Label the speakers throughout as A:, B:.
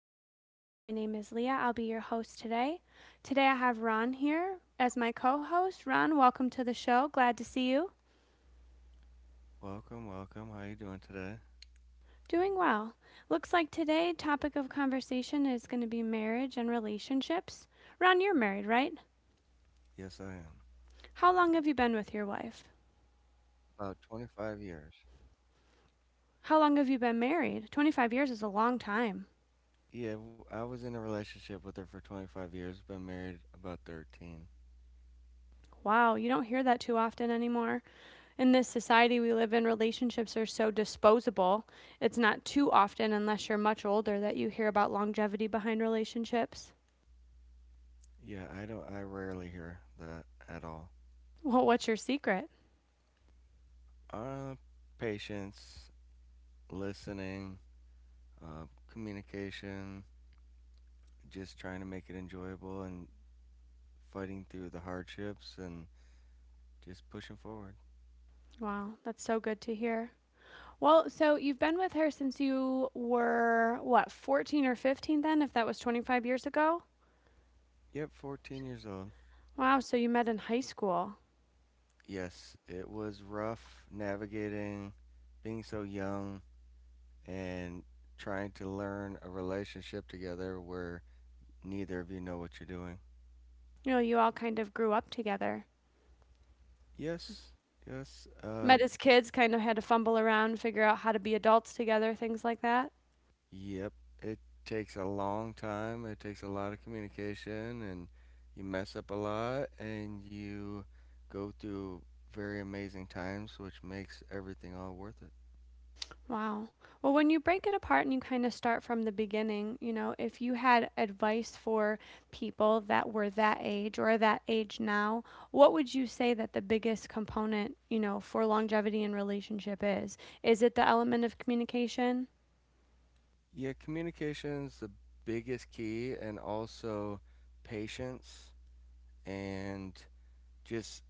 A: show. My name is Leah. I'll be your host today. Today, I have Ron here as my co host. Ron, welcome to the show. Glad to see you.
B: Welcome, welcome. How you doing today?
A: Doing well. Looks like today topic of conversation is going to be marriage and relationships. Ron, you're married, right?
B: Yes, I am.
A: How long have you been with your wife?
B: About 25 years.
A: How long have you been married? 25 years is a long time.
B: Yeah, I was in a relationship with her for 25 years, been married about 13.
A: Wow, you don't hear that too often anymore. In this society we live in, relationships are so disposable. It's not too often, unless you're much older, that you hear about longevity behind relationships.
B: Yeah, I don't I rarely hear that at all.
A: Well, what's your secret?
B: Uh Patience, listening, uh communication, just trying to make it enjoyable and fighting through the hardships and just pushing forward.
A: Wow, that's so good to hear. Well, so you've been with her since you were, what, 14 or 15 then, if that was 25 years ago?
B: Yep, 14 years old.
A: Wow, so you met in high school.
B: Yes, it was rough navigating being so young and trying to learn a relationship together where neither of you know what you're doing.
A: You know, you all kind of grew up together.
B: Yes, yes,
A: Met as kids, kind of had to fumble around, figure out how to be adults together, things like that.
B: yep. It takes a long time, it takes a lot of communication, and you mess up a lot, and you go through very amazing times, which makes everything all worth it.
A: Wow. Well, when you break it apart and you kind of start from the beginning, you know, if you had advice for people that were that age or that age now, what would you say that the biggest component, you know, for longevity in relationship is? Is it the element of communication?
B: Yeah, communication's the biggest key, and also patience and just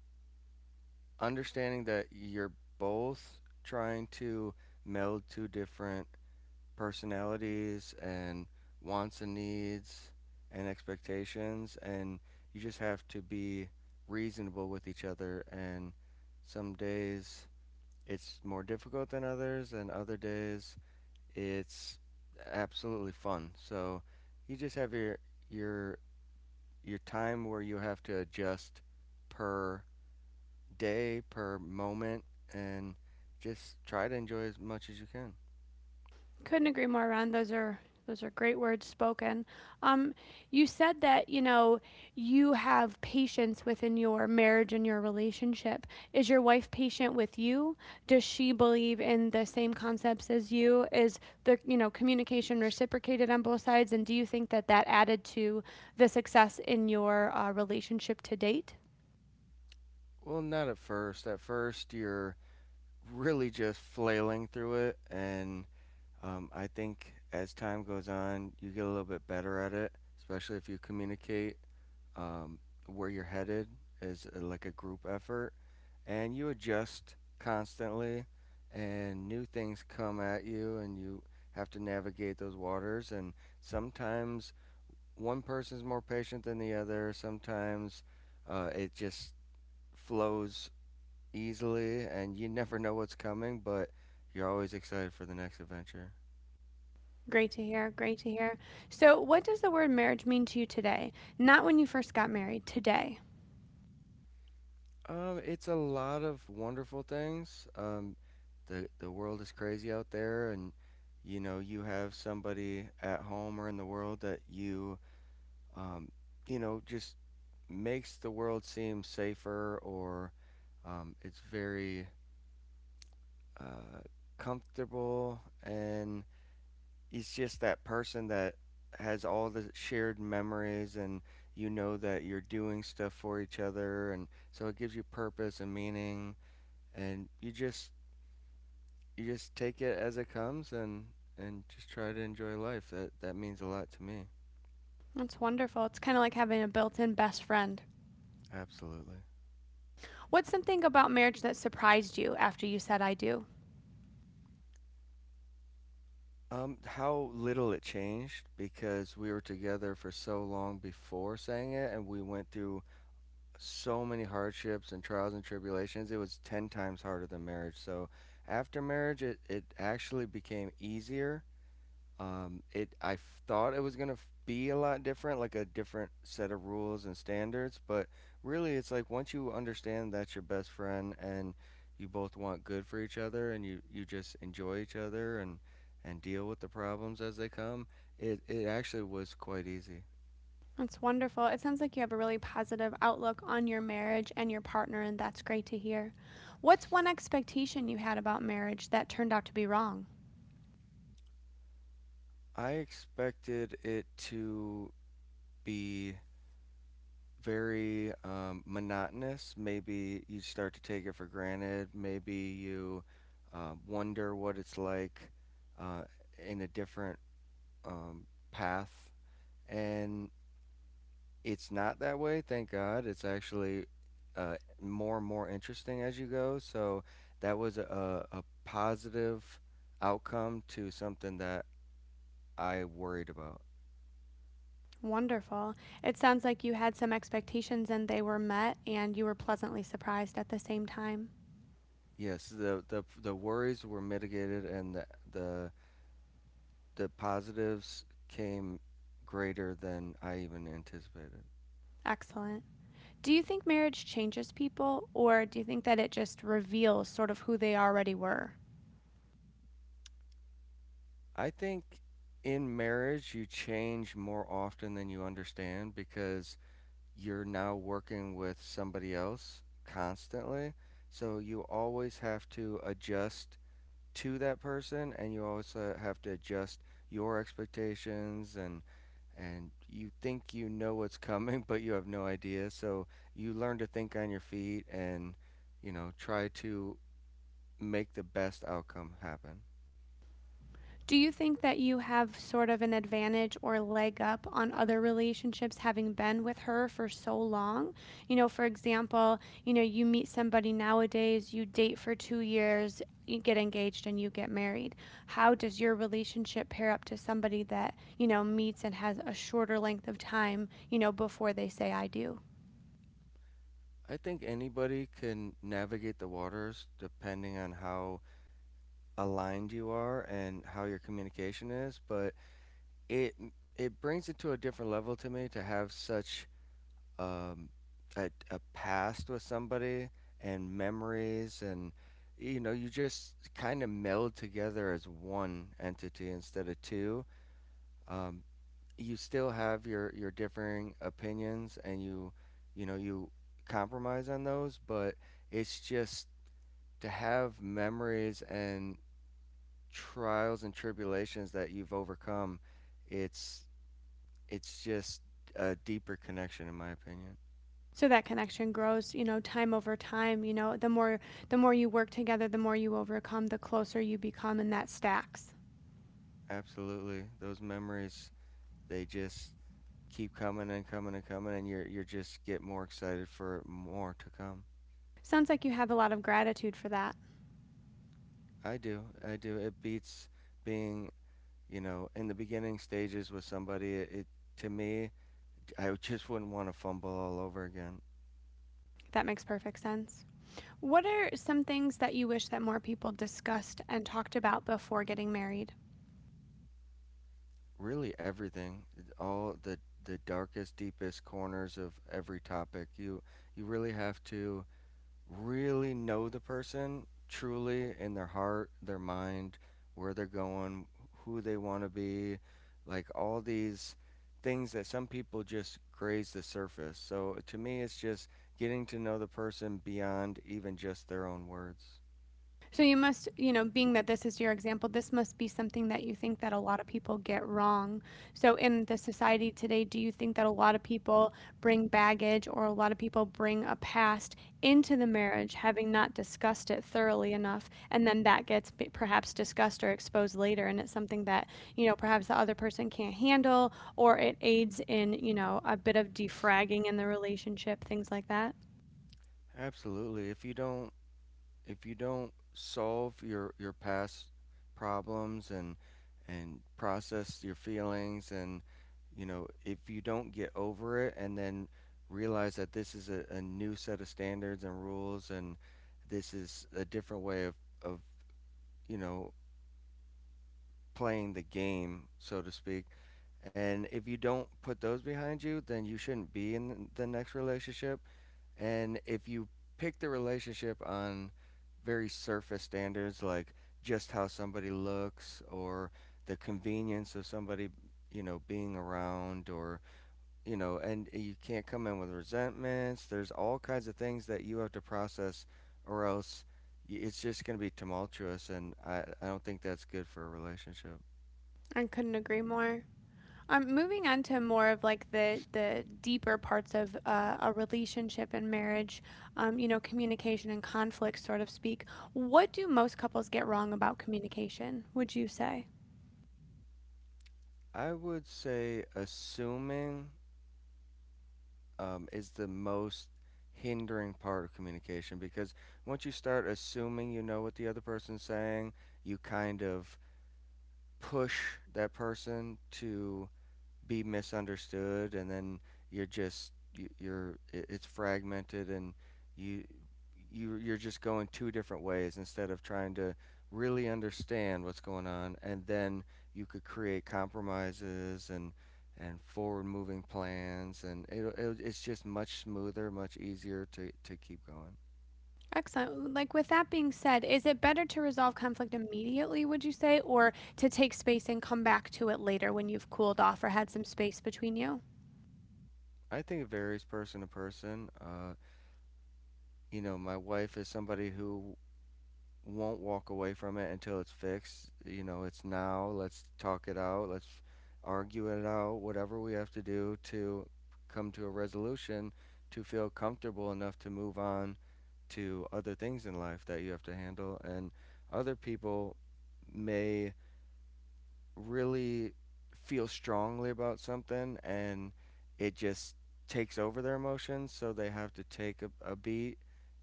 B: understanding that you're both trying to meld two different personalities and wants and needs and expectations, and you just have to be reasonable with each other, and some days it's more difficult than others, and other days it's absolutely fun. So you just have your your time where you have to adjust per day, per moment, and just try to enjoy as much as you can.
A: Couldn't agree more, Ron. Those are great words spoken. Um, you said that you have patience within your marriage and your relationship. Is your wife patient with you? Does she believe in the same concepts as you? Is the communication reciprocated on both sides? And do you think that that added to the success in your relationship to date?
B: Well, not at first. At first, you're really just flailing through it, and I think as time goes on, you get a little bit better at it, especially if you communicate um, where you're headed as like a group effort, and you adjust constantly, and new things come at you, and you have to navigate those waters, and sometimes one person's more patient than the other. Sometimes it just flows easily, and you never know what's coming, but you're always excited for the next adventure.
A: Great to hear. Great to hear. So, what does the word marriage mean to you today? Not when you first got married. Today.
B: It's a lot of wonderful things. The world is crazy out there, and you know you have somebody at home or in the world that you, um, you know, just makes the world seem safer, or, it's very, uh, comfortable, and he's just that person that has all the shared memories, and you know that you're doing stuff for each other, and so it gives you purpose and meaning. And you just, you just take it as it comes, and just try to enjoy life. That that means a lot to me.
A: That's wonderful. It's kind of like having a built in best friend.
B: Absolutely.
A: What's something about marriage that surprised you after you said I do?
B: How little it changed, because we were together for so long before saying it, and we went through so many hardships and trials and tribulations. It was 10 times harder than marriage. So after marriage, it actually became easier. It I thought it was gonna be a lot different, like a different set of rules and standards, but really, it's like once you understand that's your best friend, and you both want good for each other, and you just enjoy each other, and deal with the problems as they come, it actually was quite easy.
A: That's wonderful. It sounds like you have a really positive outlook on your marriage and your partner, and that's great to hear. What's one expectation you had about marriage that turned out to be wrong?
B: I expected it to be very monotonous. Maybe you start to take it for granted. Maybe you wonder what it's like, uh, in a different, path. And it's not that way, thank God. It's actually, uh, more and more interesting as you go. So that was a positive outcome to something that I worried about.
A: Wonderful. It sounds like you had some expectations and they were met, and you were pleasantly surprised at the same time.
B: Yes, the worries were mitigated, and the the positives came greater than I even anticipated.
A: Excellent. Do you think marriage changes people, or do you think that it just reveals sort of who they already were?
B: I think in marriage you change more often than you understand, because you're now working with somebody else constantly. So you always have to adjust to that person, and you also have to adjust your expectations, and you think you know what's coming, but you have no idea. So you learn to think on your feet, and you know, try to make the best outcome happen.
A: Do you think that you have sort of an advantage or leg up on other relationships having been with her for so long? You know, for example, you know, you meet somebody nowadays, you date for 2 years, you get engaged and you get married. How does your relationship pair up to somebody that, you know, meets and has a shorter length of time, you know, before they say I do?
B: I think anybody can navigate the waters depending on how aligned you are and how your communication is, but it it brings it to a different level to me to have such, um, a past with somebody and memories, and you know you just kind of meld together as one entity instead of two. Um, you still have your differing opinions, and you know you compromise on those, but it's just to have memories and trials and tribulations that you've overcome. It's it's just a deeper connection in my opinion.
A: So that connection grows, you know, time over time, you know, the more you work together, the more you overcome, the closer you become and that stacks.
B: Absolutely. Those memories, they just keep coming and coming and coming, and you're just get more excited for more to come.
A: Sounds like you have a lot of gratitude for that.
B: I do. I do. It beats being, you know, in the beginning stages with somebody. It to me, I just wouldn't want to fumble all over again.
A: That makes perfect sense. What are some things that you wish that more people discussed and talked about before getting married?
B: Really everything, all the darkest deepest corners of every topic. You really have to really know the person truly in their heart, their mind, where they're going, who they want to be, like all these things that some people just graze the surface. So to me, it's just getting to know the person beyond even just their own words.
A: So you must, you know, being that this is your example, this must be something that you think that a lot of people get wrong. So in the society today, do you think that a lot of people bring baggage or a lot of people bring a past into the marriage having not discussed it thoroughly enough and then that gets perhaps discussed or exposed later and it's something that, you know, perhaps the other person can't handle or it aids in, you know, a bit of defragging in the relationship, things like that?
B: Absolutely. If you don't solve your past problems, and process your feelings, and you know, if you don't get over it, and then realize that this is a new set of standards and rules, and this is a different way of of you know, playing the game so to speak, and if you don't put those behind you, then you shouldn't be in the next relationship. And if you pick the relationship on very surface standards, like just how somebody looks, or the convenience of somebody, you know, being around, or, you know, and you can't come in with resentments, there's all kinds of things that you have to process, or else it's just going to be tumultuous. And I don't think that's good for a relationship.
A: I couldn't agree more. Moving on to more of like the deeper parts of a relationship and marriage, you know, communication and conflict, sort of speak. What do most couples get wrong about communication? Would you say?
B: I would say assuming, is the most hindering part of communication, because once you start assuming you know what the other person's saying, you kind of push that person to be misunderstood, and then you're just you- are it's fragmented, and you you you're just going two different ways instead of trying to really understand what's going on, and then you could create compromises and forward moving plans, and it it's just much smoother, much easier to keep going.
A: Excellent. Like with that being said, is it better to resolve conflict immediately? Would you say, or to take space and come back to it later when you've cooled off or had some space between you?
B: I think it varies person to person. You know, my wife is somebody who won't walk away from it until it's fixed. You know, it's now. Let's talk it out. Let's argue it out. Whatever we have to do to come to a resolution, to feel comfortable enough to move on to other things in life that you have to handle. And other people may really feel strongly about something, and it just takes over their emotions. So they have to take a beat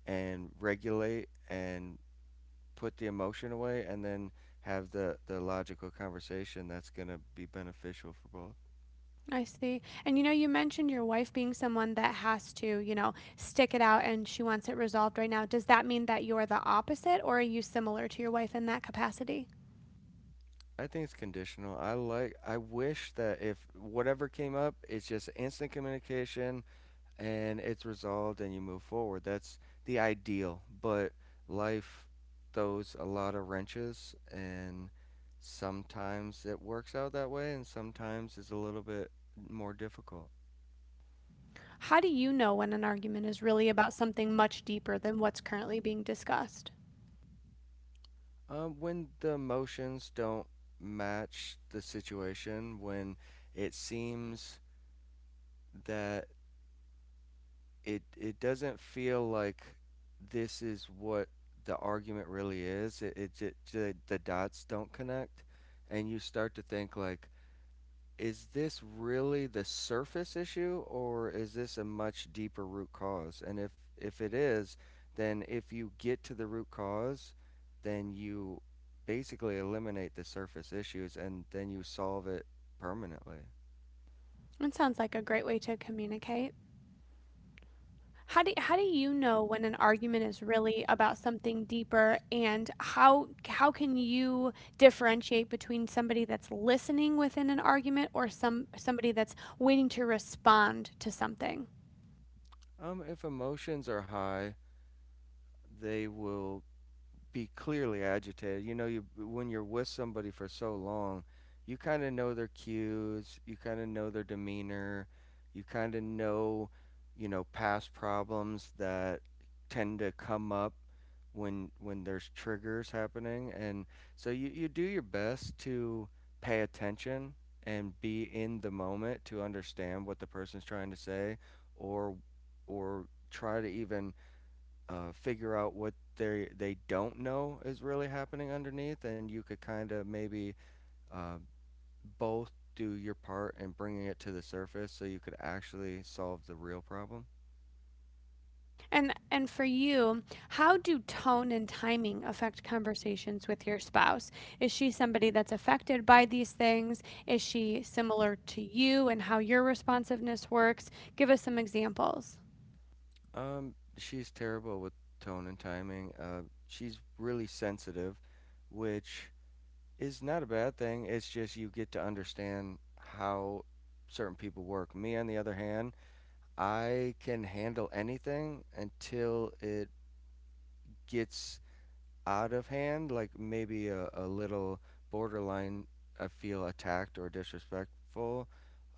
B: and regulate, and put the emotion away, and then have the logical conversation that's gonna be beneficial for both.
A: I see. And you know, you mentioned your wife being someone that has to, you know, stick it out and she wants it resolved right now. Does that mean that you're the opposite or are you similar to your wife in that capacity?
B: I think it's conditional. I like. I wish that if whatever came up, it's just instant communication and it's resolved and you move forward. That's the ideal. But life throws a lot of wrenches, and sometimes it works out that way, and sometimes it's a little bit more difficult.
A: How do you know when an argument is really about something much deeper than what's currently being discussed?
B: When the emotions don't match the situation, when it seems that it doesn't feel like this is what the argument really is, the dots don't connect, and you start to think like, is this really the surface issue, or is this a much deeper root cause? And if it is, then if you get to the root cause, then you basically eliminate the surface issues, and then you solve it permanently.
A: That sounds like a great way to communicate. How do you know when an argument is really about something deeper, and how can you differentiate between somebody that's listening within an argument or somebody that's waiting to respond to something?
B: If emotions are high, they will be clearly agitated. You know, you when you're with somebody for so long, you kind of know their cues, you kind of know their demeanor, you kind of know, you know, past problems that tend to come up when there's triggers happening, and so you do your best to pay attention and be in the moment to understand what the person's trying to say, or try to even, figure out what they don't know is really happening underneath, and you could kind of maybe, uh, both do your part in bringing it to the surface, so you could actually solve the real problem.
A: And for you, how do tone and timing affect conversations with your spouse? Is she somebody that's affected by these things? Is she similar to you and how your responsiveness works? Give us some examples.
B: She's terrible with tone and timing. She's really sensitive, which is not a bad thing. It's just you get to understand how certain people work. Me, on the other hand, I can handle anything until it gets out of hand, like maybe a little borderline, I feel attacked or disrespectful.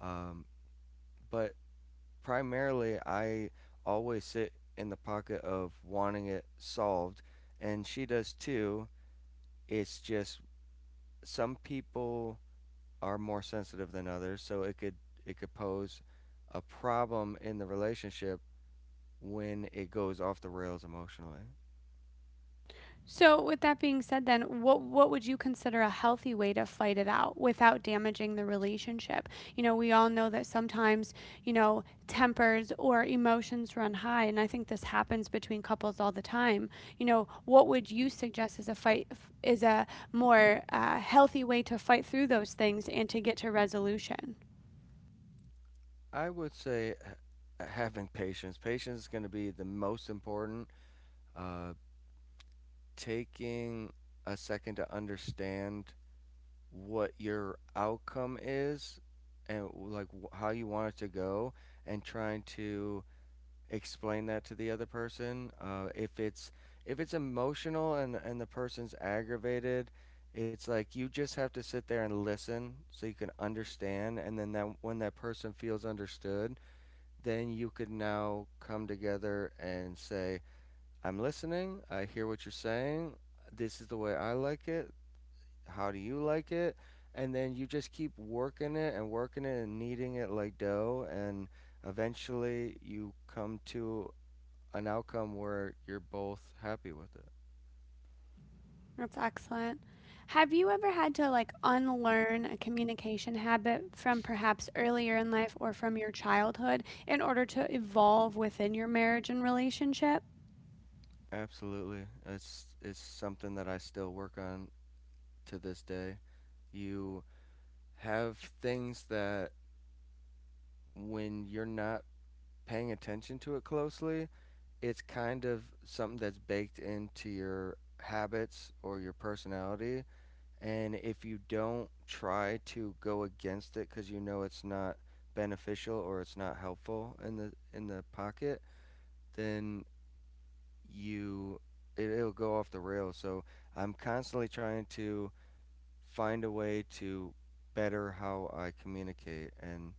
B: Um, but primarily, I always sit in the pocket of wanting it solved, and she does too. It's just some people are more sensitive than others, so it could pose a problem in the relationship when it goes off the rails emotionally.
A: So, with that being said, then what would you consider a healthy way to fight it out without damaging the relationship? You know, we all know that sometimes you know tempers or emotions run high, and I think this happens between couples all the time. You know, what would you suggest as a fight is a more healthy way to fight through those things and to get to resolution?
B: I would say having patience. Patience is going to be the most important. Uh, Taking a second to understand what your outcome is and like how you want it to go, and trying to explain that to the other person. If it's emotional and the person's aggravated. It's like you just have to sit there and listen so you can understand, and then that when that person feels understood, then you could now come together and say, I'm listening, I hear what you're saying, this is the way I like it, how do you like it? And then you just keep working it and kneading it like dough, and eventually you come to an outcome where you're both happy with it.
A: That's excellent. Have you ever had to like unlearn a communication habit from perhaps earlier in life or from your childhood in order to evolve within your marriage and relationship?
B: Absolutely. It's something that I still work on to this day. You have things that when you're not paying attention to it closely, it's kind of something that's baked into your habits or your personality. And if you don't try to go against it because you know it's not beneficial or it's not helpful in the pocket, then you it'll go off the rails. So I'm constantly trying to find a way to better how I communicate and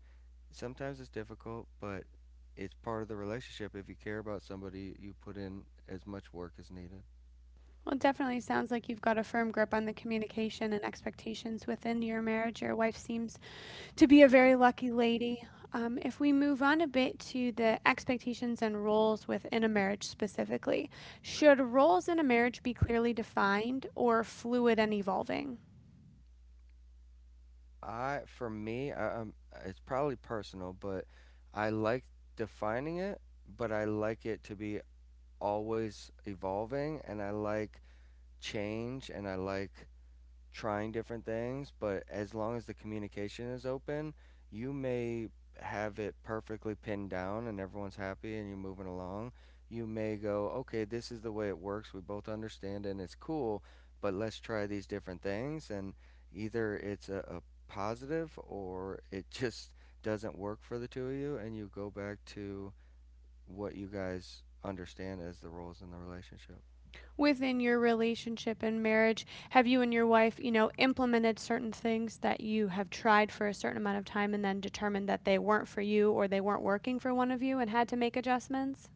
B: sometimes it's difficult, but it's part of the relationship. If you care about somebody, you put in as much work as needed.
A: Well, it definitely sounds like you've got a firm grip on the communication and expectations within your marriage. Your wife seems to be a very lucky lady. If we move on a bit to the expectations and roles within a marriage specifically, should roles in a marriage be clearly defined or fluid and evolving?
B: For me, it's probably personal, but I like defining it, but I like it to be always evolving, and I like change, and I like trying different things, but as long as the communication is open, you may have it perfectly pinned down and everyone's happy and you're moving along. You may go, okay, this is the way it works. We both understand and it's cool, but let's try these different things. And either it's a positive or it just doesn't work for the two of you, and you go back to what you guys understand as the roles in the relationship.
A: Within your relationship and marriage? Have you and your wife, you know, implemented certain things that you have tried for a certain amount of time and then determined that they weren't for you or they weren't working for one of you and had to make adjustments?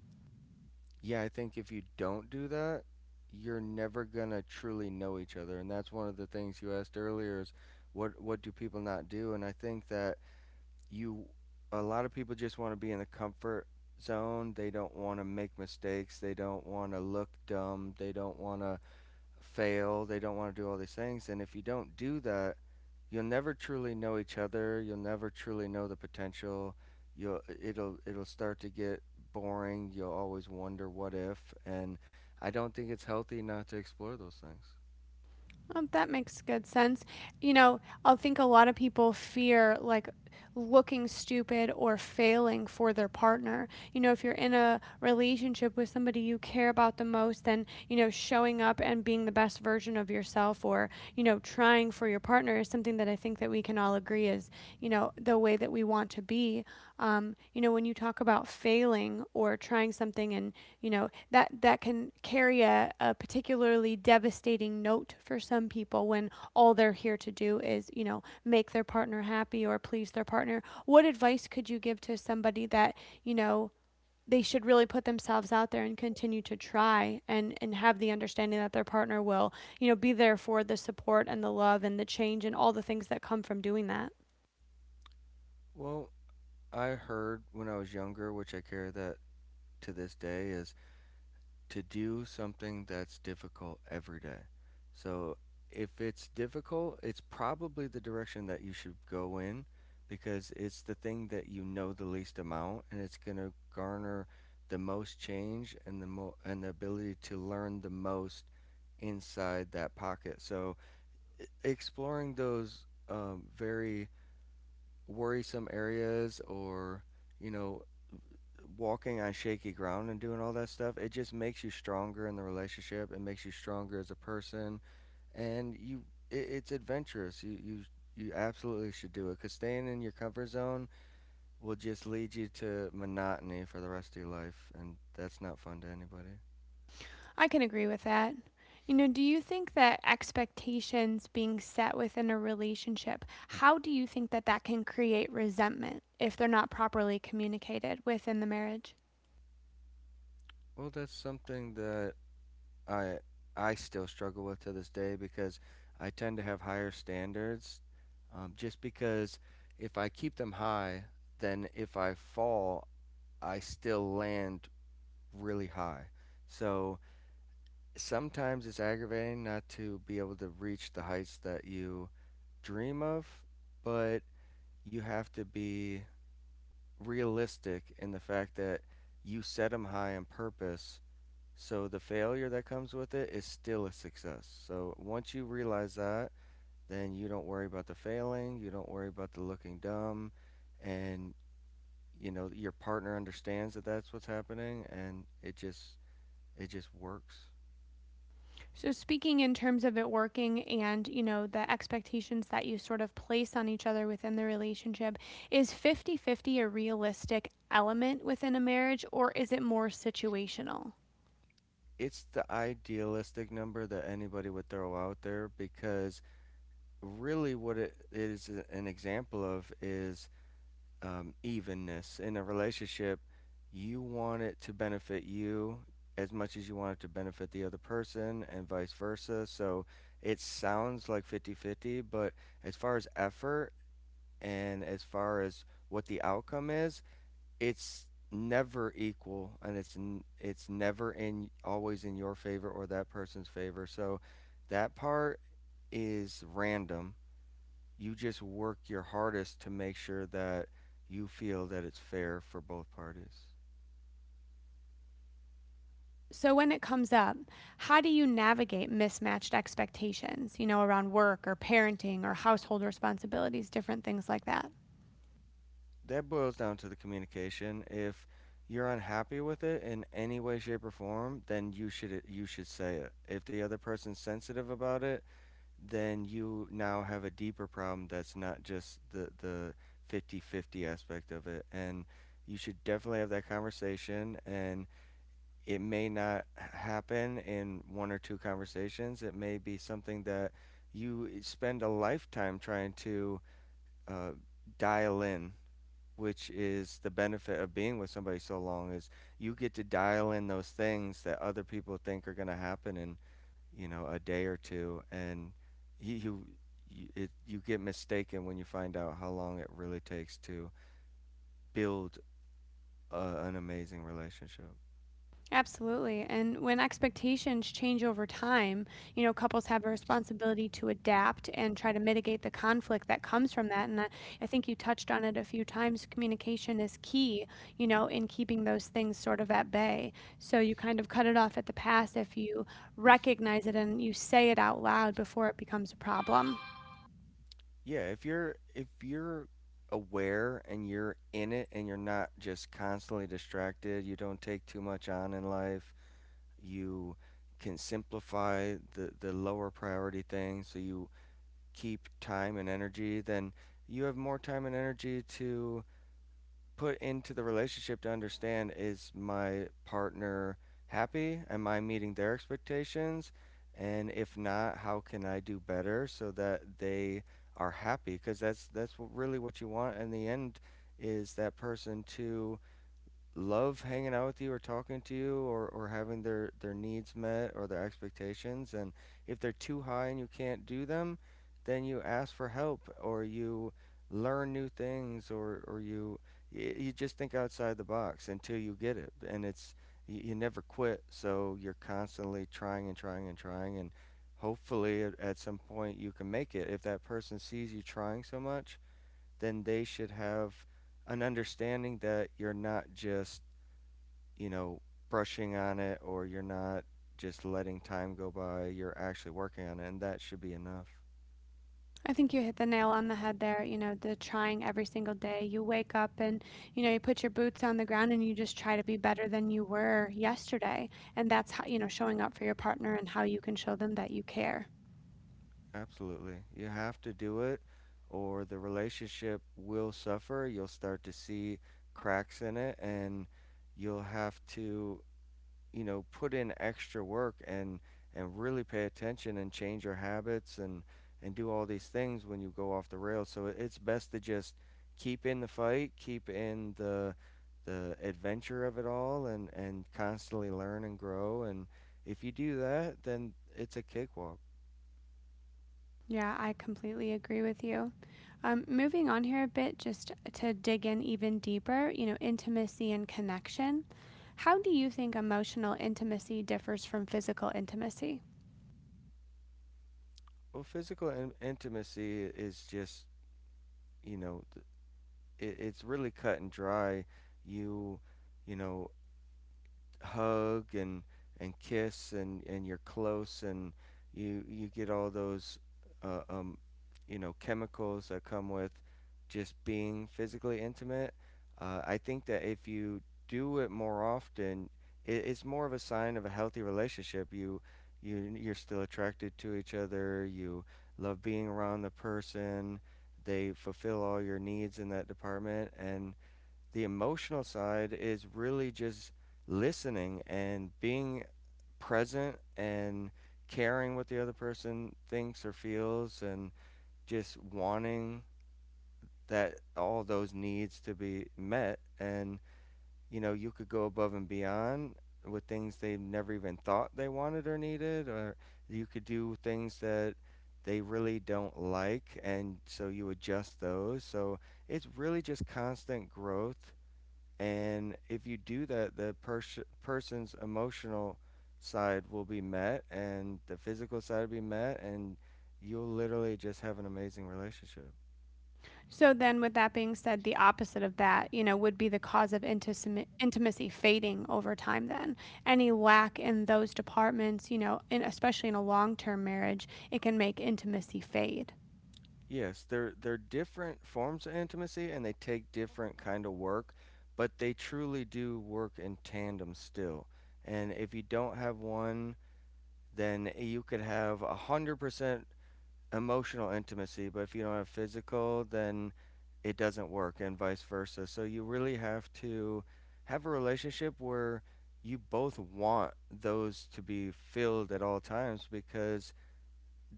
B: Yeah, I think if you don't do that, you're never gonna truly know each other. And that's one of the things you asked earlier is what do people not do? And I think that you a lot of people just want to be in the comfort zone. They don't want to make mistakes. They don't want to look dumb. They don't want to fail, they don't want to do all these things. And if you don't do that, you'll never truly know each other. You'll never truly know the potential. You'll It'll start to get boring. You'll always wonder what if, and I don't think it's healthy not to explore those things.
A: Oh, that makes good sense. You know, I think a lot of people fear like looking stupid or failing for their partner. You know, if you're in a relationship with somebody you care about the most, then, you know, showing up and being the best version of yourself or, you know, trying for your partner is something that I think that we can all agree is you know the way that we want to be you know when you talk about failing or trying something and you know that that can carry a particularly devastating note for some people when all they're here to do is you know make their partner happy or please their partner, what advice could you give to somebody that you know they should really put themselves out there and continue to try and have the understanding that their partner will you know be there for the support and the love and the change and all the things that come from doing that?
B: Well, I heard when I was younger, which I carry that to this day, is to do something that's difficult every day. So if it's difficult, it's probably the direction that you should go in because it's the thing that you know the least amount and it's going to garner the most change and the ability to learn the most inside that pocket. So exploring those very worrisome areas or you know walking on shaky ground and doing all that stuff, it just makes you stronger in the relationship. It makes you stronger as a person, and you it's adventurous. You absolutely should do it because staying in your comfort zone will just lead you to monotony for the rest of your life, and that's not fun to anybody.
A: I can agree with that. You know, do you think that expectations being set within a relationship, how do you think that that can create resentment if they're not properly communicated within the marriage?
B: Well, that's something that I I still struggle with to this day because I tend to have higher standards, just because if I keep them high, then if I fall, I still land really high. So sometimes it's aggravating not to be able to reach the heights that you dream of, but you have to be realistic in the fact that you set them high on purpose. So the failure that comes with it is still a success. So once you realize that, then you don't worry about the failing, you don't worry about the looking dumb, and you know your partner understands that that's what's happening, and it just it just works.
A: So, speaking in terms of it working and, you know, the expectations that you sort of place on each other within the relationship, is 50-50 a realistic element within a marriage or is it more situational?
B: It's the idealistic number that anybody would throw out there because really what it is an example of is evenness. In a relationship, you want it to benefit you as much as you want it to benefit the other person and vice versa. So it sounds like 50 50, but as far as effort and as far as what the outcome is, it's never equal and it's never in always in your favor or that person's favor. So that part is random. You just work your hardest to make sure that you feel that it's fair for both parties.
A: So, when it comes up, how do you navigate mismatched expectations, you know, around work or parenting or household responsibilities, different things like that?
B: That boils down to the communication. If you're unhappy with it in any way shape or form, then you should say it. If the other person's sensitive about it, then you now have a deeper problem that's not just the 50-50 aspect of it and you should definitely have that conversation and it may not happen in one or two conversations. It may be something that you spend a lifetime trying to uh, dial in, which is the benefit of being with somebody so long is you get to dial in those things that other people think are going to happen and you know, a day or two, and you you you get mistaken when you find out how long it really takes to build an amazing relationship.
A: Absolutely. And when expectations change over time, you know, couples have a responsibility to adapt and try to mitigate the conflict that comes from that. And I think you touched on it a few times. Communication is key, you know, in keeping those things sort of at bay. So you kind of cut it off at the pass if you recognize it and you say it out loud before it becomes a problem.
B: Yeah, if you're aware and you're in it and you're not just constantly distracted, you don't take too much on in life, you can simplify the lower priority things so you keep time and energy, then you have more time and energy to put into the relationship to understand, is my partner happy? Am I meeting their expectations? And if not, how can I do better so that they are happy? Because that's really what you want in the end is that person to love hanging out with you or talking to you, or having their needs met or their expectations. And if they're too high and you can't do them, then you ask for help or you learn new things, you just think outside the box until you get it. And you, you never quit. So you're constantly trying and trying and trying. And hopefully at some point you can make it. If that person sees you trying so much, then they should have an understanding that you're not just you know, brushing on it or you're not just letting time go by, you're actually working on it, and that should be enough.
A: I think you hit the nail on the head there, you know, the trying every single day. You wake up and, you know, you put your boots on the ground and you just try to be better than you were yesterday. And that's how, you know, showing up for your partner and how you can show them that you care.
B: Absolutely. You have to do it, or the relationship will suffer. You'll start to see cracks in it, and you'll have to you know put in extra work and really pay attention and change your habits and do all these things when you go off the rails, so it's best to just keep in the fight, keep in the adventure of it all, and constantly learn and grow, and if you do that then it's a cakewalk.
A: Yeah, I completely agree with you. Moving on here a bit, just to dig in even deeper, you know, intimacy and connection. How do you think emotional intimacy differs from physical intimacy?
B: Well, physical intimacy is just you know it's really cut and dry. you you know hug and kiss and you're close and you get all those uh, um you know chemicals that come with just being physically intimate. I think that if you do it more often, it's more of a sign of a healthy relationship. You're still attracted to each other. You love being around the person. They fulfill all your needs in that department, and the emotional side is really just listening and being present and caring what the other person thinks or feels, and just wanting that all those needs to be met, and you know you could go above and beyond with things they never even thought they wanted or needed, or you could do things that they really don't like, and so you adjust those. So it's really just constant growth, and if you do that, the person's emotional side will be met and the physical side will be met, and you'll literally just have an amazing relationship.
A: So then, with that being said, the opposite of that, you know, would be the cause of intimacy fading over time. Then, any lack in those departments, you know, especially in a long-term marriage, it can make intimacy fade.
B: Yes, they're different forms of intimacy and they take different kind of work, but they truly do work in tandem still. And if you don't have one, then you could have 100% emotional intimacy, but if you don't have physical, then it doesn't work and vice versa. So you really have to have a relationship where you both want those to be filled at all times because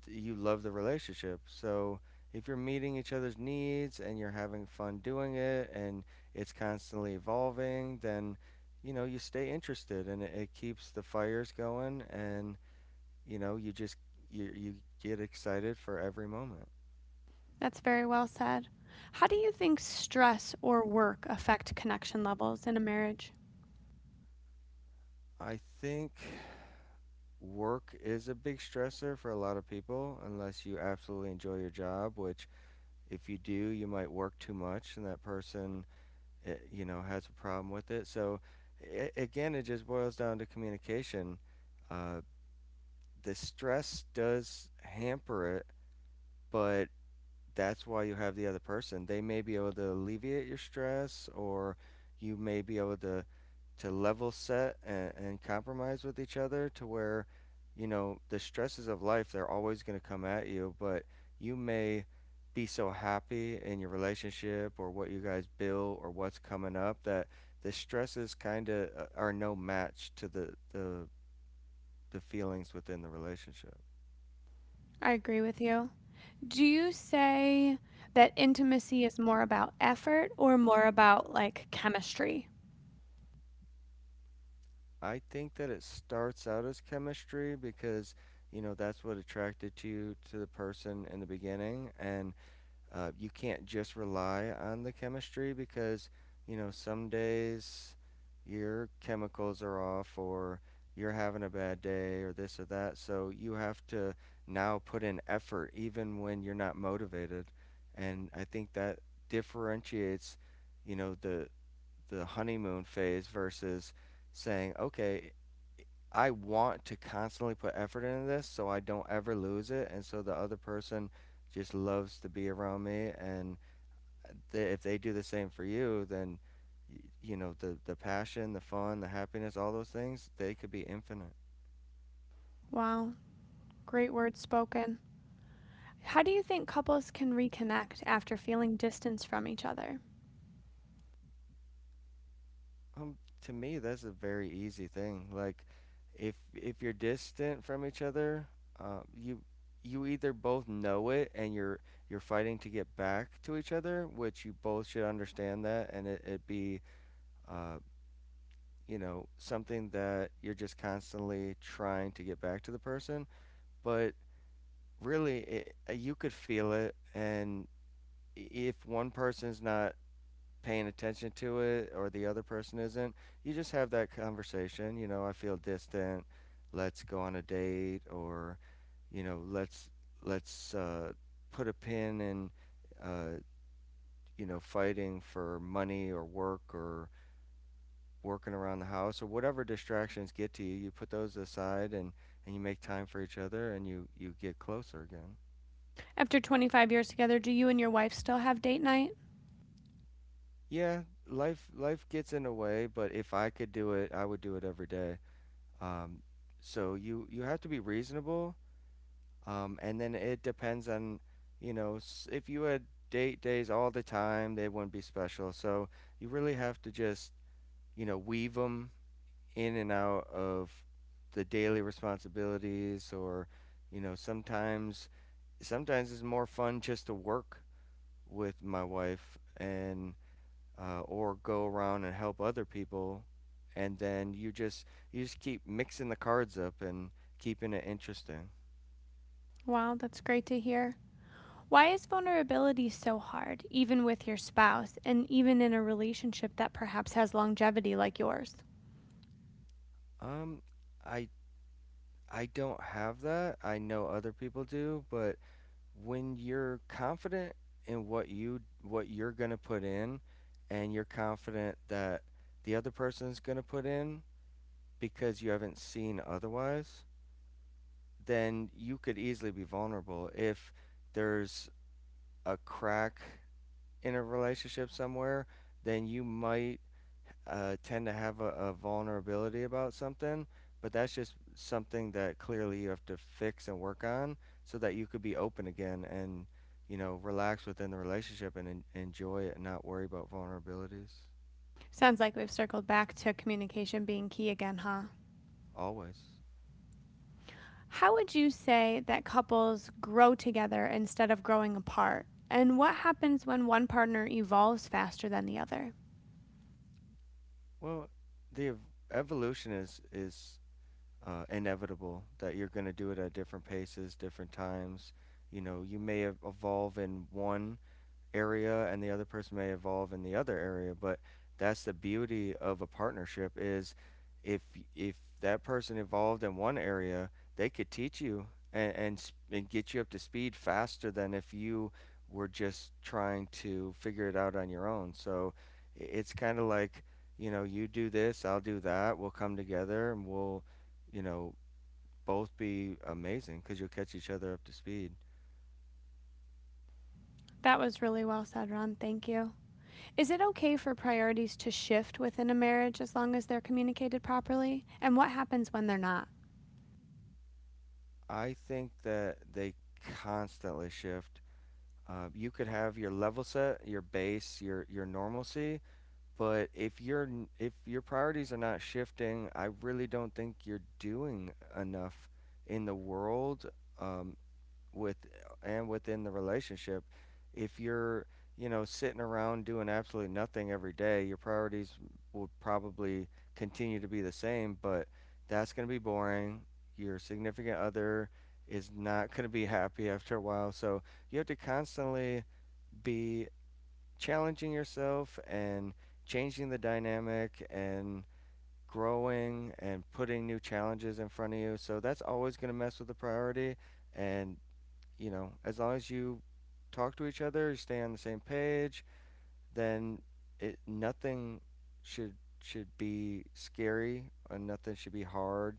B: you love the relationship. So if you're meeting each other's needs and you're having fun doing it and it's constantly evolving, then you know you stay interested and it keeps the fires going and you know you just you you get excited for every moment.
A: That's very well said. How do you think stress or work affect connection levels in a marriage?
B: I think work is a big stressor for a lot of people, unless you absolutely enjoy your job, which if you do, you might work too much and that person, you know, has a problem with it. So, again, it just boils down to communication. Uh, the stress does hamper it, but that's why you have the other person. They may be able to alleviate your stress, or you may be able to level set and compromise with each other to where, you know, the stresses of life they're always going to come at you, but you may be so happy in your relationship or what you guys build or what's coming up that the stresses kind of are no match to the feelings within the relationship.
A: I agree with you. Do you say that intimacy is more about effort or more about like chemistry?
B: I think that it starts out as chemistry because you know that's what attracted to you to the person in the beginning, and you can't just rely on the chemistry because you know some days your chemicals are off or you're having a bad day or this or that, so you have to now put in effort even when you're not motivated, and I think that differentiates you know the honeymoon phase versus saying, okay, I want to constantly put effort into this so I don't ever lose it. And so the other person just loves to be around me. And they, if they do the same for you, then, you know, the passion, the fun, the happiness, all those things, they could be infinite.
A: Wow, great words spoken. How do you think couples can reconnect after feeling distance from each other?
B: Um, to me, that's a very easy thing. Like, if you're distant from each other, you either both know it and you're fighting to get back to each other, which you both should understand that, and it be uh, you know, something that you're just constantly trying to get back to the person. But really, it, you could feel it. And if one person's not paying attention to it or the other person isn't, you just have that conversation. You know, I feel distant. Let's go on a date or, you know, let's put a pin in, uh, you know, fighting for money or work or working around the house or whatever distractions get to you, you put those aside and you make time for each other and you get closer again.
A: After 25 years together, do you and your wife still have date night?
B: Yeah, life gets in the way, but if I could do it, I would do it every day. Um, so you have to be reasonable, and then it depends on, you know, if you had date days all the time, they wouldn't be special. So you really have to just, you know, weave 'em in and out of the daily responsibilities or you know sometimes it's more fun just to work with my wife and or go around and help other people and then you just keep mixing the cards up and keeping it interesting.
A: Wow, that's great to hear. Why is vulnerability so hard, even with your spouse, and even in a relationship that perhaps has longevity like yours?
B: Um i i don't have that. I know other people do, but when you're confident in what you're going to put in and you're confident that the other person's going to put in because you haven't seen otherwise, then you could easily be vulnerable. If there's a crack in a relationship somewhere, then you might tend to have a vulnerability about something, but that's just something that clearly you have to fix and work on so that you could be open again and, you know, relax within the relationship and enjoy it and not worry about vulnerabilities.
A: Sounds like we've circled back to communication being key again, huh?
B: Always.
A: How would you say that couples grow together instead of growing apart? And what happens when one partner evolves faster than the other?
B: Well, the evolution is inevitable that you're going to do it at different paces, different times. You know, you may evolve in one area and the other person may evolve in the other area, but that's the beauty of a partnership is if if that person evolved in one area they could teach you and and get you up to speed faster than if you were just trying to figure it out on your own, so it's kind of like you know you do this, I'll do that, we'll come together and we'll you know both be amazing cuz you'll catch each other up to speed.
A: That was really well said, Ron. Thank you. Is it okay for priorities to shift within a marriage as long as they're communicated properly? And what happens when they're not?
B: I think that they constantly shift. You could have your level set, your base, your normalcy, but if you're if your priorities are not shifting, I really don't think you're doing enough in the world um, with and within the relationship. If you're you know sitting around doing absolutely nothing every day, your priorities will probably continue to be the same, but that's going to be boring. Your significant other is not going to be happy after a while, so you have to constantly be challenging yourself and changing the dynamic and growing and putting new challenges in front of you. So that's always going to mess with the priority. And, you know, as long as you talk to each other, you stay on the same page, then it, nothing should should be scary and nothing should be hard.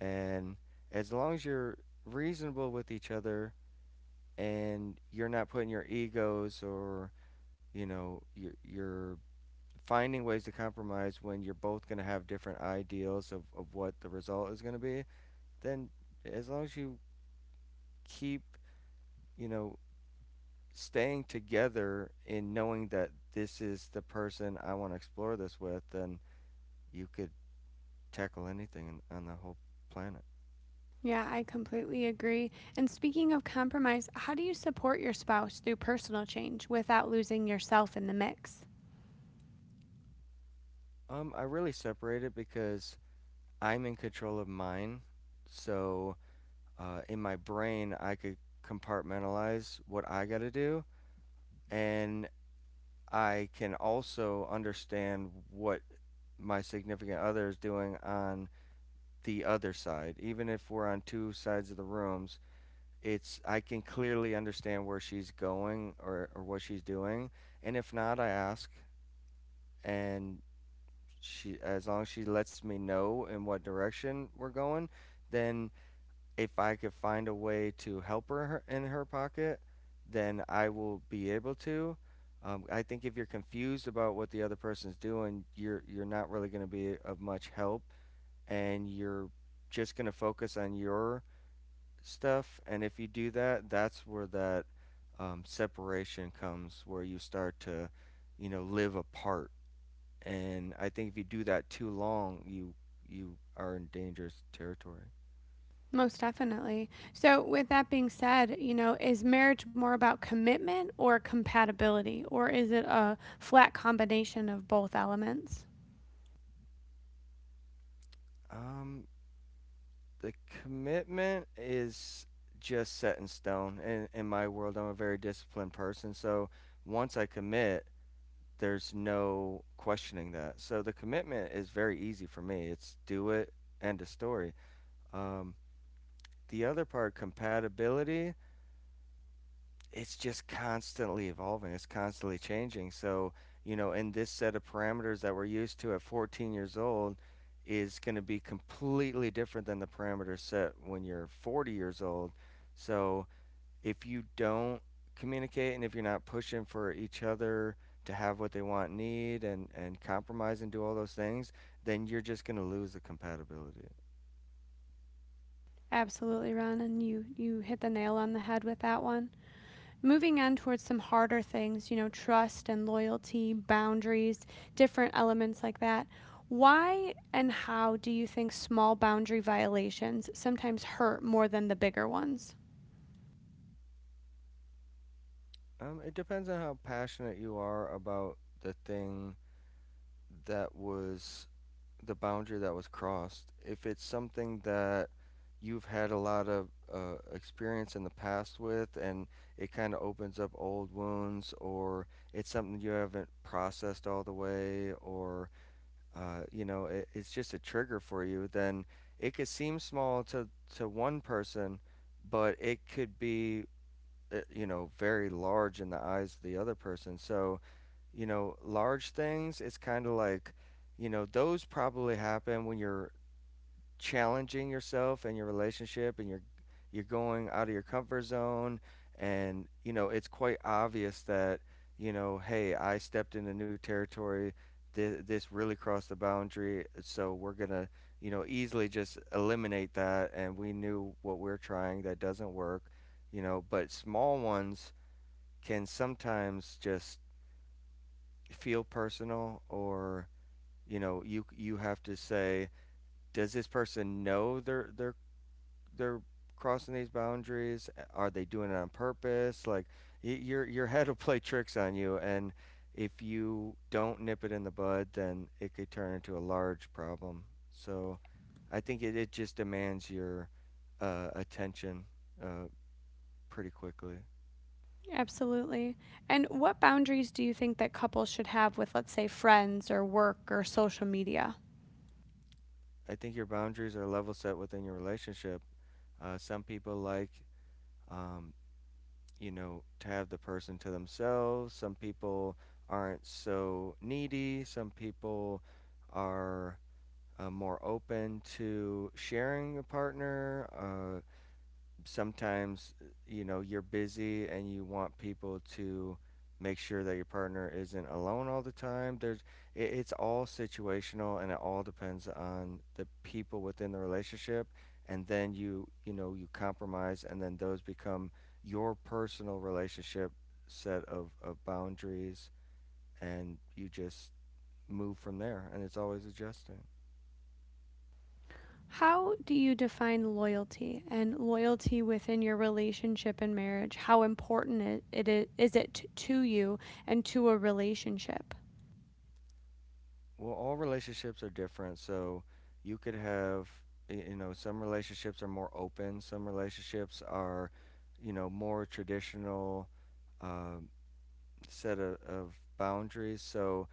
B: And as long as you're reasonable with each other and you're not putting your egos or you know you're finding ways to compromise when you're both going to have different ideals of what the result is going to be, then as long as you keep you know staying together in knowing that this is the person I want to explore this with, then you could tackle anything in, on the whole planet.
A: Yeah, I completely agree. And speaking of compromise, how do you support your spouse through personal change without losing yourself in the mix?
B: I really separate it because I'm in control of mine, so in my brain I could compartmentalize what I got to do, and I can also understand what my significant other is doing on the other side. Even if we're on two sides of the rooms, it's I can clearly understand where she's going or what she's doing. And if not, I ask, and she as long as she lets me know in what direction we're going, then if I could find a way to help her in her pocket, then I will be able to. I think if you're confused about what the other person's doing, you're not really going to be of much help, and you're just going to focus on your stuff. And if you do that, that's where that separation comes, where you start to, you know, live apart. And I think if you do that too long, you are in dangerous territory.
A: Most definitely. So, with that being said, you know, is marriage more about commitment or compatibility, or is it a flat combination of both elements?
B: Um, the commitment is just set in stone. In my world, I'm a very disciplined person, so once I commit, there's no questioning that. So the commitment is very easy for me. It's do it, end of story. Um, the other part, compatibility, it's just constantly evolving. It's constantly changing. So, you know, in this set of parameters that we're used to at 14 years old is going to be completely different than the parameters set when you're 40 years old. So, if you don't communicate and if you're not pushing for each other to have what they want, need, and compromise and do all those things, then you're just going to lose the compatibility.
A: Absolutely, Ron, and you hit the nail on the head with that one. Moving on towards some harder things, you know, trust and loyalty, boundaries, different elements like that. Why and how do you think small boundary violations sometimes hurt more than the bigger ones?
B: It depends on how passionate you are about the thing that was the boundary that was crossed. If it's something that you've had a lot of experience in the past with, and it kind of opens up old wounds, or it's something you haven't processed all the way, or you know, it's just a trigger for you, then it could seem small to one person, but it could be you know very large in the eyes of the other person. So you know, large things, it's kind of like, you know, those probably happen when you're challenging yourself and your relationship and you're going out of your comfort zone, and you know, it's quite obvious that, you know, hey, I stepped into new territory. This really crossed the boundary, so we're going to, you know, easily just eliminate that and we knew what we're trying that doesn't work, you know. But small ones can sometimes just feel personal or you know you have to say, does this person know they're crossing these boundaries, are they doing it on purpose? Like your head will play tricks on you, and if you don't nip it in the bud then it could turn into a large problem. So I think it just demands your attention uh, pretty quickly.
A: Absolutely. And what boundaries do you think that couples should have with, let's say, friends or work or social media?
B: I think your boundaries are level set within your relationship. Some people like um, you know, to have the person to themselves. Some people aren't so needy. Some people are more open to sharing a partner. Sometimes you know you're busy and you want people to make sure that your partner isn't alone all the time. It's all situational and it all depends on the people within the relationship, and then you know you compromise, and then those become your personal relationship set of boundaries, and you just move from there, and it's always adjusting.
A: How do you define loyalty and loyalty within your relationship and marriage? How important it is it to you and to a relationship?
B: Well, all relationships are different. So you could have, you know, some relationships are more open, some relationships are, you know, more traditional um, set of boundaries. So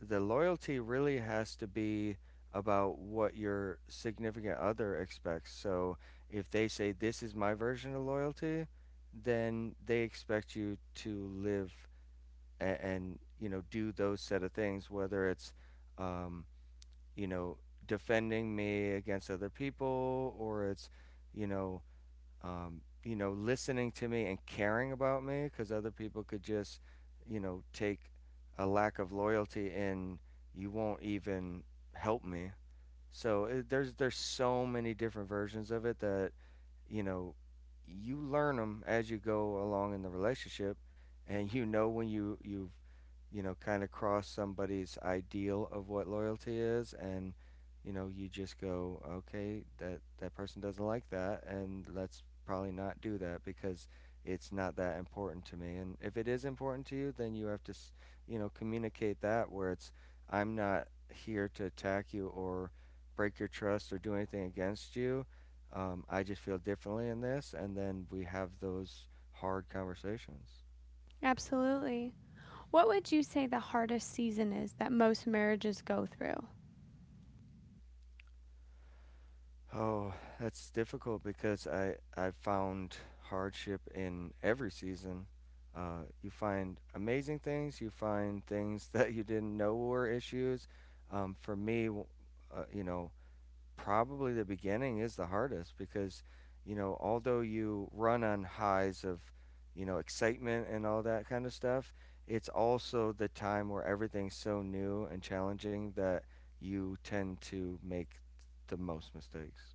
B: the loyalty really has to be about what your significant other expects. So if they say, this is my version of loyalty, then they expect you to live and you know, do those set of things, whether it's, um, you know, defending me against other people, or it's, you know, you know, listening to me and caring about me, because other people could just, you know, take a lack of loyalty and you won't even help me. So there's so many different versions of it that you know you learn them as you go along in the relationship, and you know when you've you know kind of crossed somebody's ideal of what loyalty is, and you know you just go, okay, that person doesn't like that, and let's probably not do that because it's not that important to me. And if it is important to you, then you have to you know communicate that, where it's I'm not here to attack you or break your trust or do anything against you. I just feel differently in this, and then we have those hard conversations.
A: Absolutely. What would you say the hardest season is that most marriages go through?
B: Oh, that's difficult because I've found hardship in every season. You find amazing things. You find things that you didn't know were issues. For me, you know, probably the beginning is the hardest because, you know, although you run on highs of, you know, excitement and all that kind of stuff, it's also the time where everything's so new and challenging that you tend to make the most mistakes.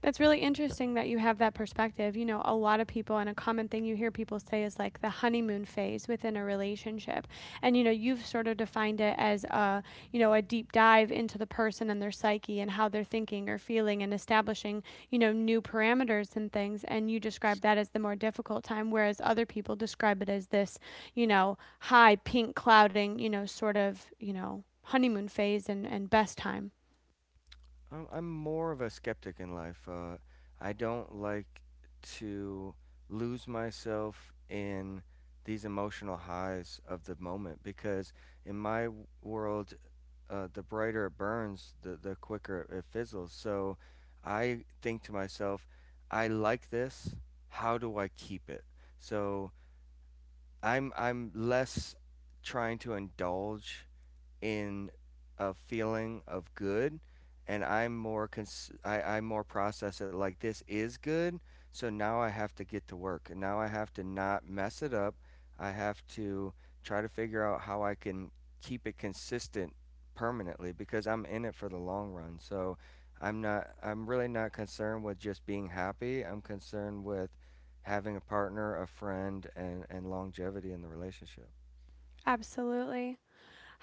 A: That's really interesting that you have that perspective. You know, a lot of people, and a common thing you hear people say is like the honeymoon phase within a relationship. And, you know, you've sort of defined it as a, you know, a deep dive into the person and their psyche and how they're thinking or feeling and establishing, you know, new parameters and things. And you describe that as the more difficult time, whereas other people describe it as this, you know, high pink clouding, you know, sort of, you know, honeymoon phase and, best time.
B: I'm more of a skeptic in life. I don't like to lose myself in these emotional highs of the moment because in my world the brighter it burns, the quicker it fizzles. So I think to myself, I like this. How do I keep it? So I'm less trying to indulge in a feeling of good, and I'm more I more process it like this is good. So now I have to get to work, and now I have to not mess it up. I have to try to figure out how I can keep it consistent permanently, because I'm in it for the long run. So I'm really not concerned with just being happy. I'm concerned with having a partner, a friend, and longevity in the relationship.
A: Absolutely.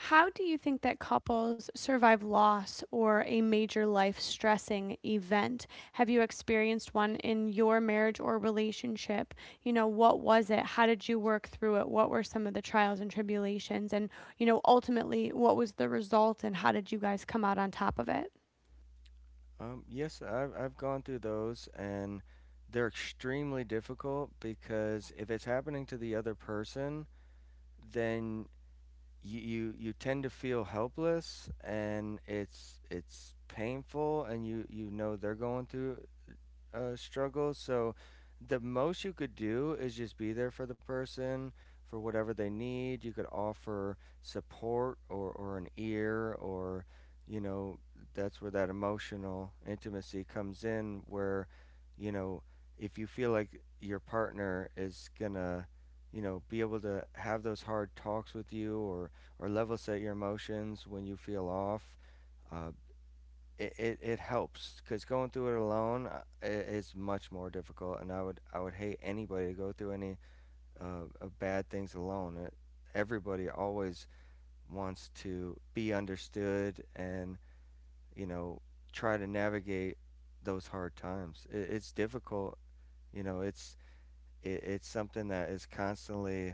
A: How do you think that couples survive loss or a major life stressing event? Have you experienced one in your marriage or relationship? You know, what was it? How did you work through it? What were some of the trials and tribulations? And, you know, ultimately, what was the result and how did you guys come out on top of it?
B: Yes, I've gone through those, and they're extremely difficult because if it's happening to the other person, then you tend to feel helpless, and it's painful, and you know they're going through struggle. So the most you could do is just be there for the person for whatever they need. You could offer support or an ear or, you know, that's where that emotional intimacy comes in, where, you know, if you feel like your partner is going to, you know, be able to have those hard talks with you, or level set your emotions when you feel off. Uh, it helps, because going through it alone is much more difficult, and I would hate anybody to go through any bad things alone. Everybody always wants to be understood, and you know try to navigate those hard times. It's difficult. You know it's it's something that is constantly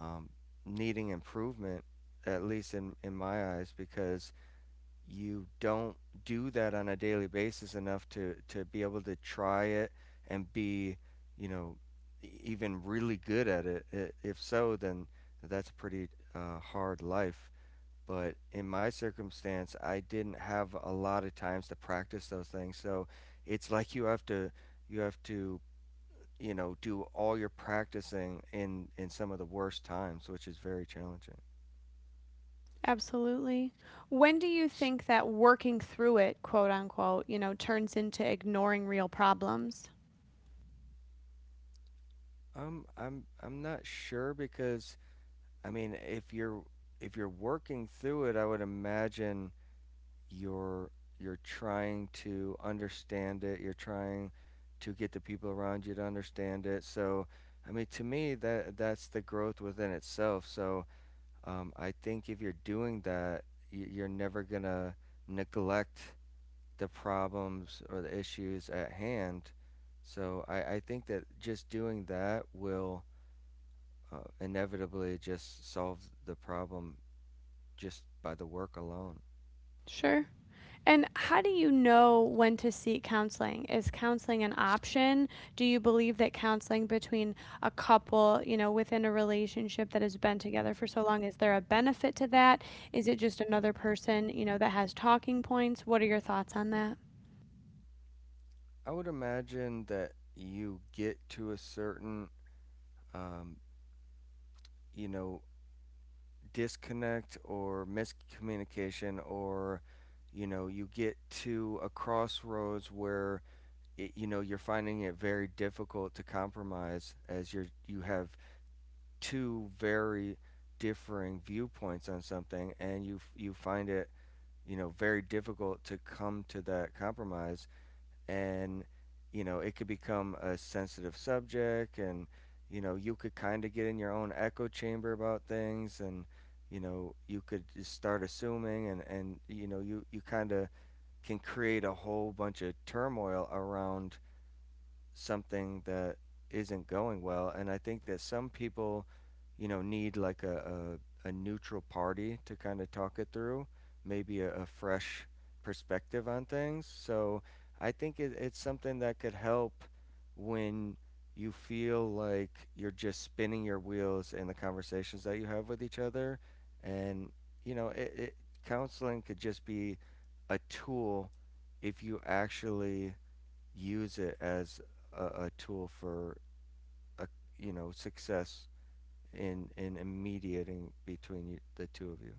B: um, needing improvement, at least in my eyes, because you don't do that on a daily basis enough to be able to try it and be, you know, even really good at it. If so, then that's a pretty hard life. But in my circumstance, I didn't have a lot of times to practice those things. So it's like you have to you know do all your practicing in some of the worst times, which is very challenging.
A: Absolutely. When do you think that working through it, quote unquote, you know, turns into ignoring real problems?
B: I'm not sure, because I mean, if you're working through it, I would imagine you're you're trying to understand it. You're trying to get the people around you to understand it. So, I mean, to me, that's the growth within itself. So, I think if you're doing that, you're never gonna neglect the problems or the issues at hand. So, I think that just doing that will inevitably just solve the problem just by the work alone.
A: Sure. And how do you know when to seek counseling? Is counseling an option? Do you believe that counseling between a couple, you know, within a relationship that has been together for so long, is there a benefit to that? Is it just another person, you know, that has talking points? What are your thoughts on that?
B: I would imagine that you get to a certain, um, you know, disconnect or miscommunication, or, you know, you get to a crossroads where, you know, you're finding it very difficult to compromise as you have two very differing viewpoints on something, and you find it, you know, very difficult to come to that compromise, and you know it could become a sensitive subject, and you know you could kind of get in your own echo chamber about things, and you know you could just start assuming, and you know you kind of can create a whole bunch of turmoil around something that isn't going well. And I think that some people, you know, need like a neutral party to kind of talk it through, maybe a fresh perspective on things. So I think it's something that could help when you feel like you're just spinning your wheels in the conversations that you have with each other. And, you know, counseling could just be a tool if you actually use it as a tool for a, you know success in mediating between you, the two of you.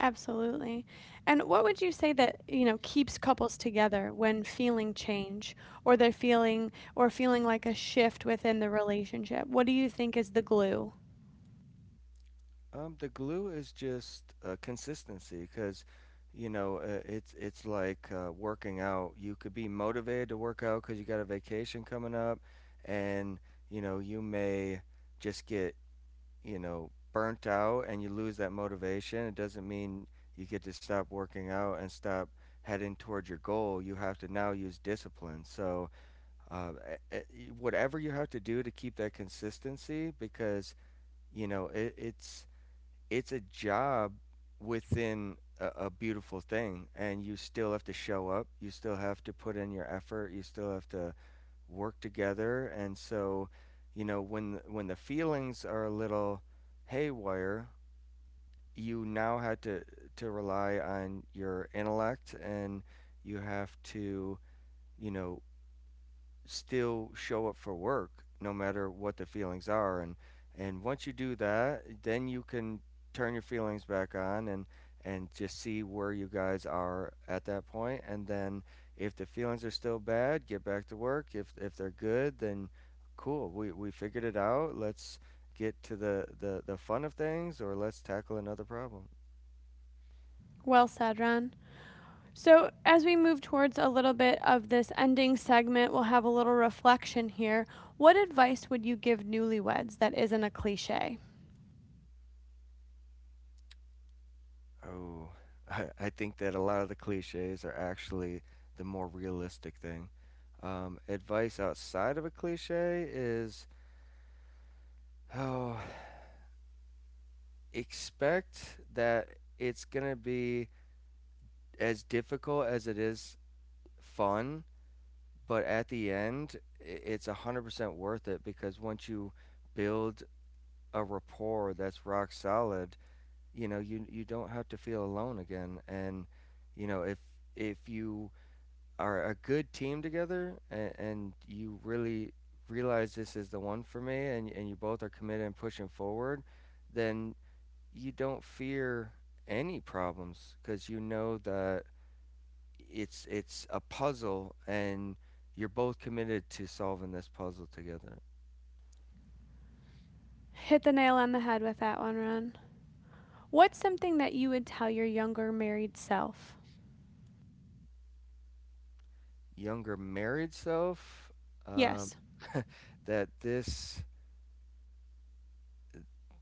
A: Absolutely. And what would you say that, you know, keeps couples together when feeling change or they're feeling or feeling like a shift within the relationship? What do you think is the glue?
B: The glue is just consistency, because you know it's like working out. You could be motivated to work out because you got a vacation coming up, and you know you may just get you know, burnt out and you lose that motivation. It doesn't mean you get to stop working out and stop heading toward your goal. You have to now use discipline. So, uh, whatever you have to do to keep that consistency, because you know it's a job within a beautiful thing, and you still have to show up. You still have to put in your effort. You still have to work together, and so you know when the feelings are a little haywire, you now had to rely on your intellect, and you have to you know still show up for work no matter what the feelings are, and once you do that, then you can turn your feelings back on, and just see where you guys are at that point, and then if the feelings are still bad, get back to work. If they're good, then cool, we figured it out. Let's get to the fun of things, or let's tackle another problem.
A: Well said, Ron. So, as we move towards a little bit of this ending segment, we'll have a little reflection here. What advice would you give newlyweds that isn't a cliche?
B: Oh, I think that a lot of the cliches are actually the more realistic thing. Advice outside of a cliche is, oh, expect that it's gonna be as difficult as it is fun, but at the end, it's 100% worth it, because once you build a rapport that's rock solid, you know, you don't have to feel alone again. And, you know, if you are a good team together, and you really realize this is the one for me, and you both are committed and pushing forward, then you don't fear any problems, because you know that it's a puzzle, and you're both committed to solving this puzzle together.
A: Hit the nail on the head with that one, Ron. What's something that you would tell your younger married self?
B: Younger married self, um,
A: Yes.
B: that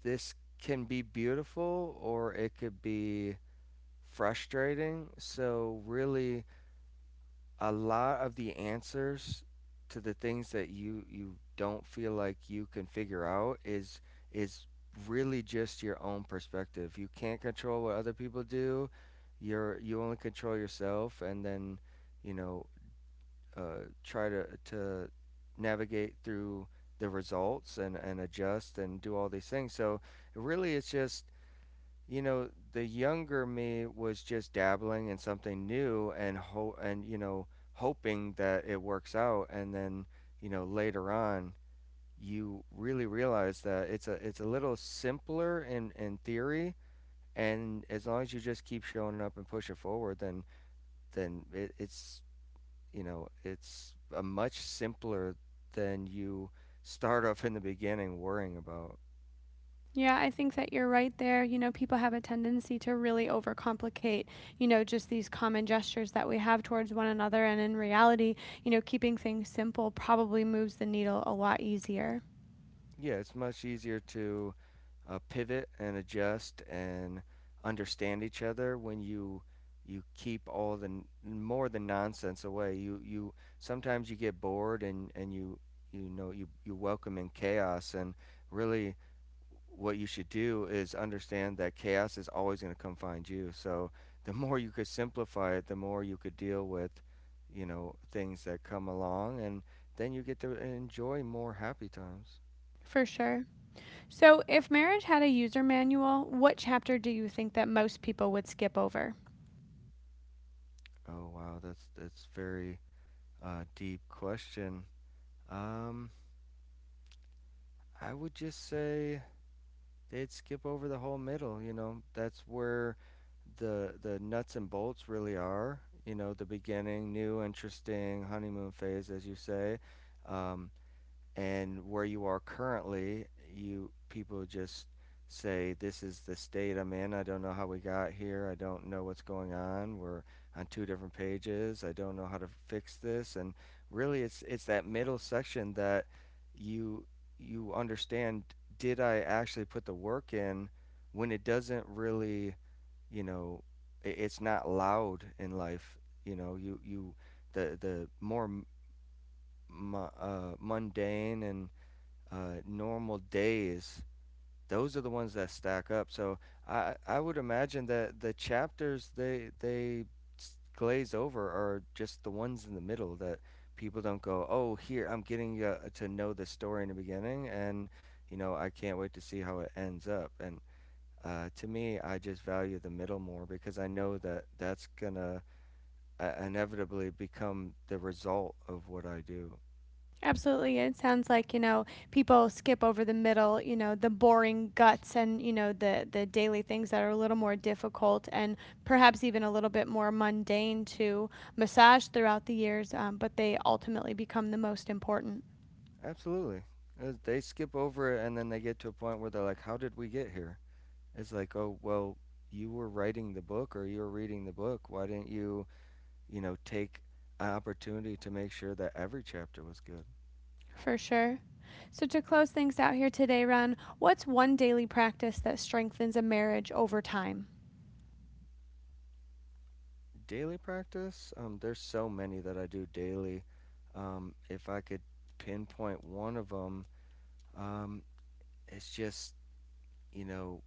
B: this can be beautiful, or it could be frustrating. So really, a lot of the answers to the things that you don't feel like you can figure out is really just your own perspective. You can't control what other people do. You only control yourself, and then you know try to navigate through the results, and adjust, and do all these things. So really, it's just you know, the younger me was just dabbling in something new and ho and you know, hoping that it works out, and then, you know, later on you really realize that it's a little simpler in theory, and as long as you just keep showing up and push it forward, then it's you know, it's a much simpler than you start off in the beginning worrying about.
A: Yeah, I think that you're right there. You know, people have a tendency to really overcomplicate, you know, just these common gestures that we have towards one another. And in reality, you know, keeping things simple probably moves the needle a lot easier.
B: Yeah, it's much easier to pivot and adjust and understand each other when you keep all the n- more the nonsense away. You sometimes you get bored, and you know you welcome in chaos, and really what you should do is understand that chaos is always going to come find you. So the more you could simplify it, the more you could deal with you know things that come along, and then you get to enjoy more happy times.
A: For sure. So, if marriage had a user manual, what chapter do you think that most people would skip over?
B: Oh wow, that's very deep question. Um, I would just say they'd skip over the whole middle. You know, that's where the nuts and bolts really are. You know, the beginning, new, interesting honeymoon phase, as you say. Um, and where you are currently, you people just say, "This is the state I'm in. I don't know how we got here. I don't know what's going on. We're on two different pages. I don't know how to fix this." And really, it's that middle section that you you understand. Did I actually put the work in? When it doesn't really, you know, it's not loud in life. You know, you the more mundane and normal days, those are the ones that stack up. So I would imagine that the chapters they glaze over are just the ones in the middle, that people don't go, oh, here I'm getting to know the story in the beginning, and you know I can't wait to see how it ends up. And to me, I just value the middle more, because I know that that's gonna inevitably become the result of what I do.
A: Absolutely. It sounds like, you know, people skip over the middle, you know, the boring guts and, you know, the daily things that are a little more difficult and perhaps even a little bit more mundane to massage throughout the years, but they ultimately become the most important
B: Absolutely. They skip over it, and then they get to a point where they're like, how did we get here? It's like, oh, well, you were writing the book, or you were reading the book. Why didn't you, you know, take an opportunity to make sure that every chapter was good?
A: for sure. So, to close things out here today, Ron, what's one daily practice that strengthens a marriage over time?
B: Daily practice, there's so many that I do daily. If I could pinpoint one of them, um, it's just, you know,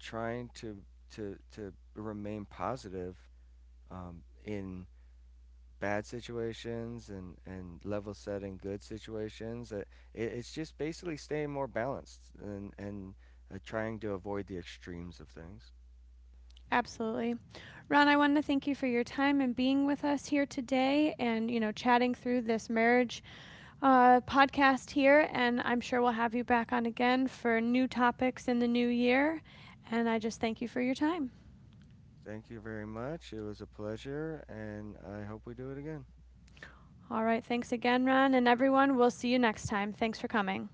B: trying to, to remain positive in bad situations, and level setting good situations. It, it's just basically staying more balanced, and trying to avoid the extremes of things.
A: Absolutely. Ron, I want to thank you for your time and being with us here today and, you know, chatting through this marriage podcast here. And I'm sure we'll have you back on again for new topics in the new year. And I just thank you for your time.
B: Thank you very much. It was a pleasure, and I hope we do it again.
A: All right. Thanks again, Ron. And everyone, we'll see you next time. Thanks for coming.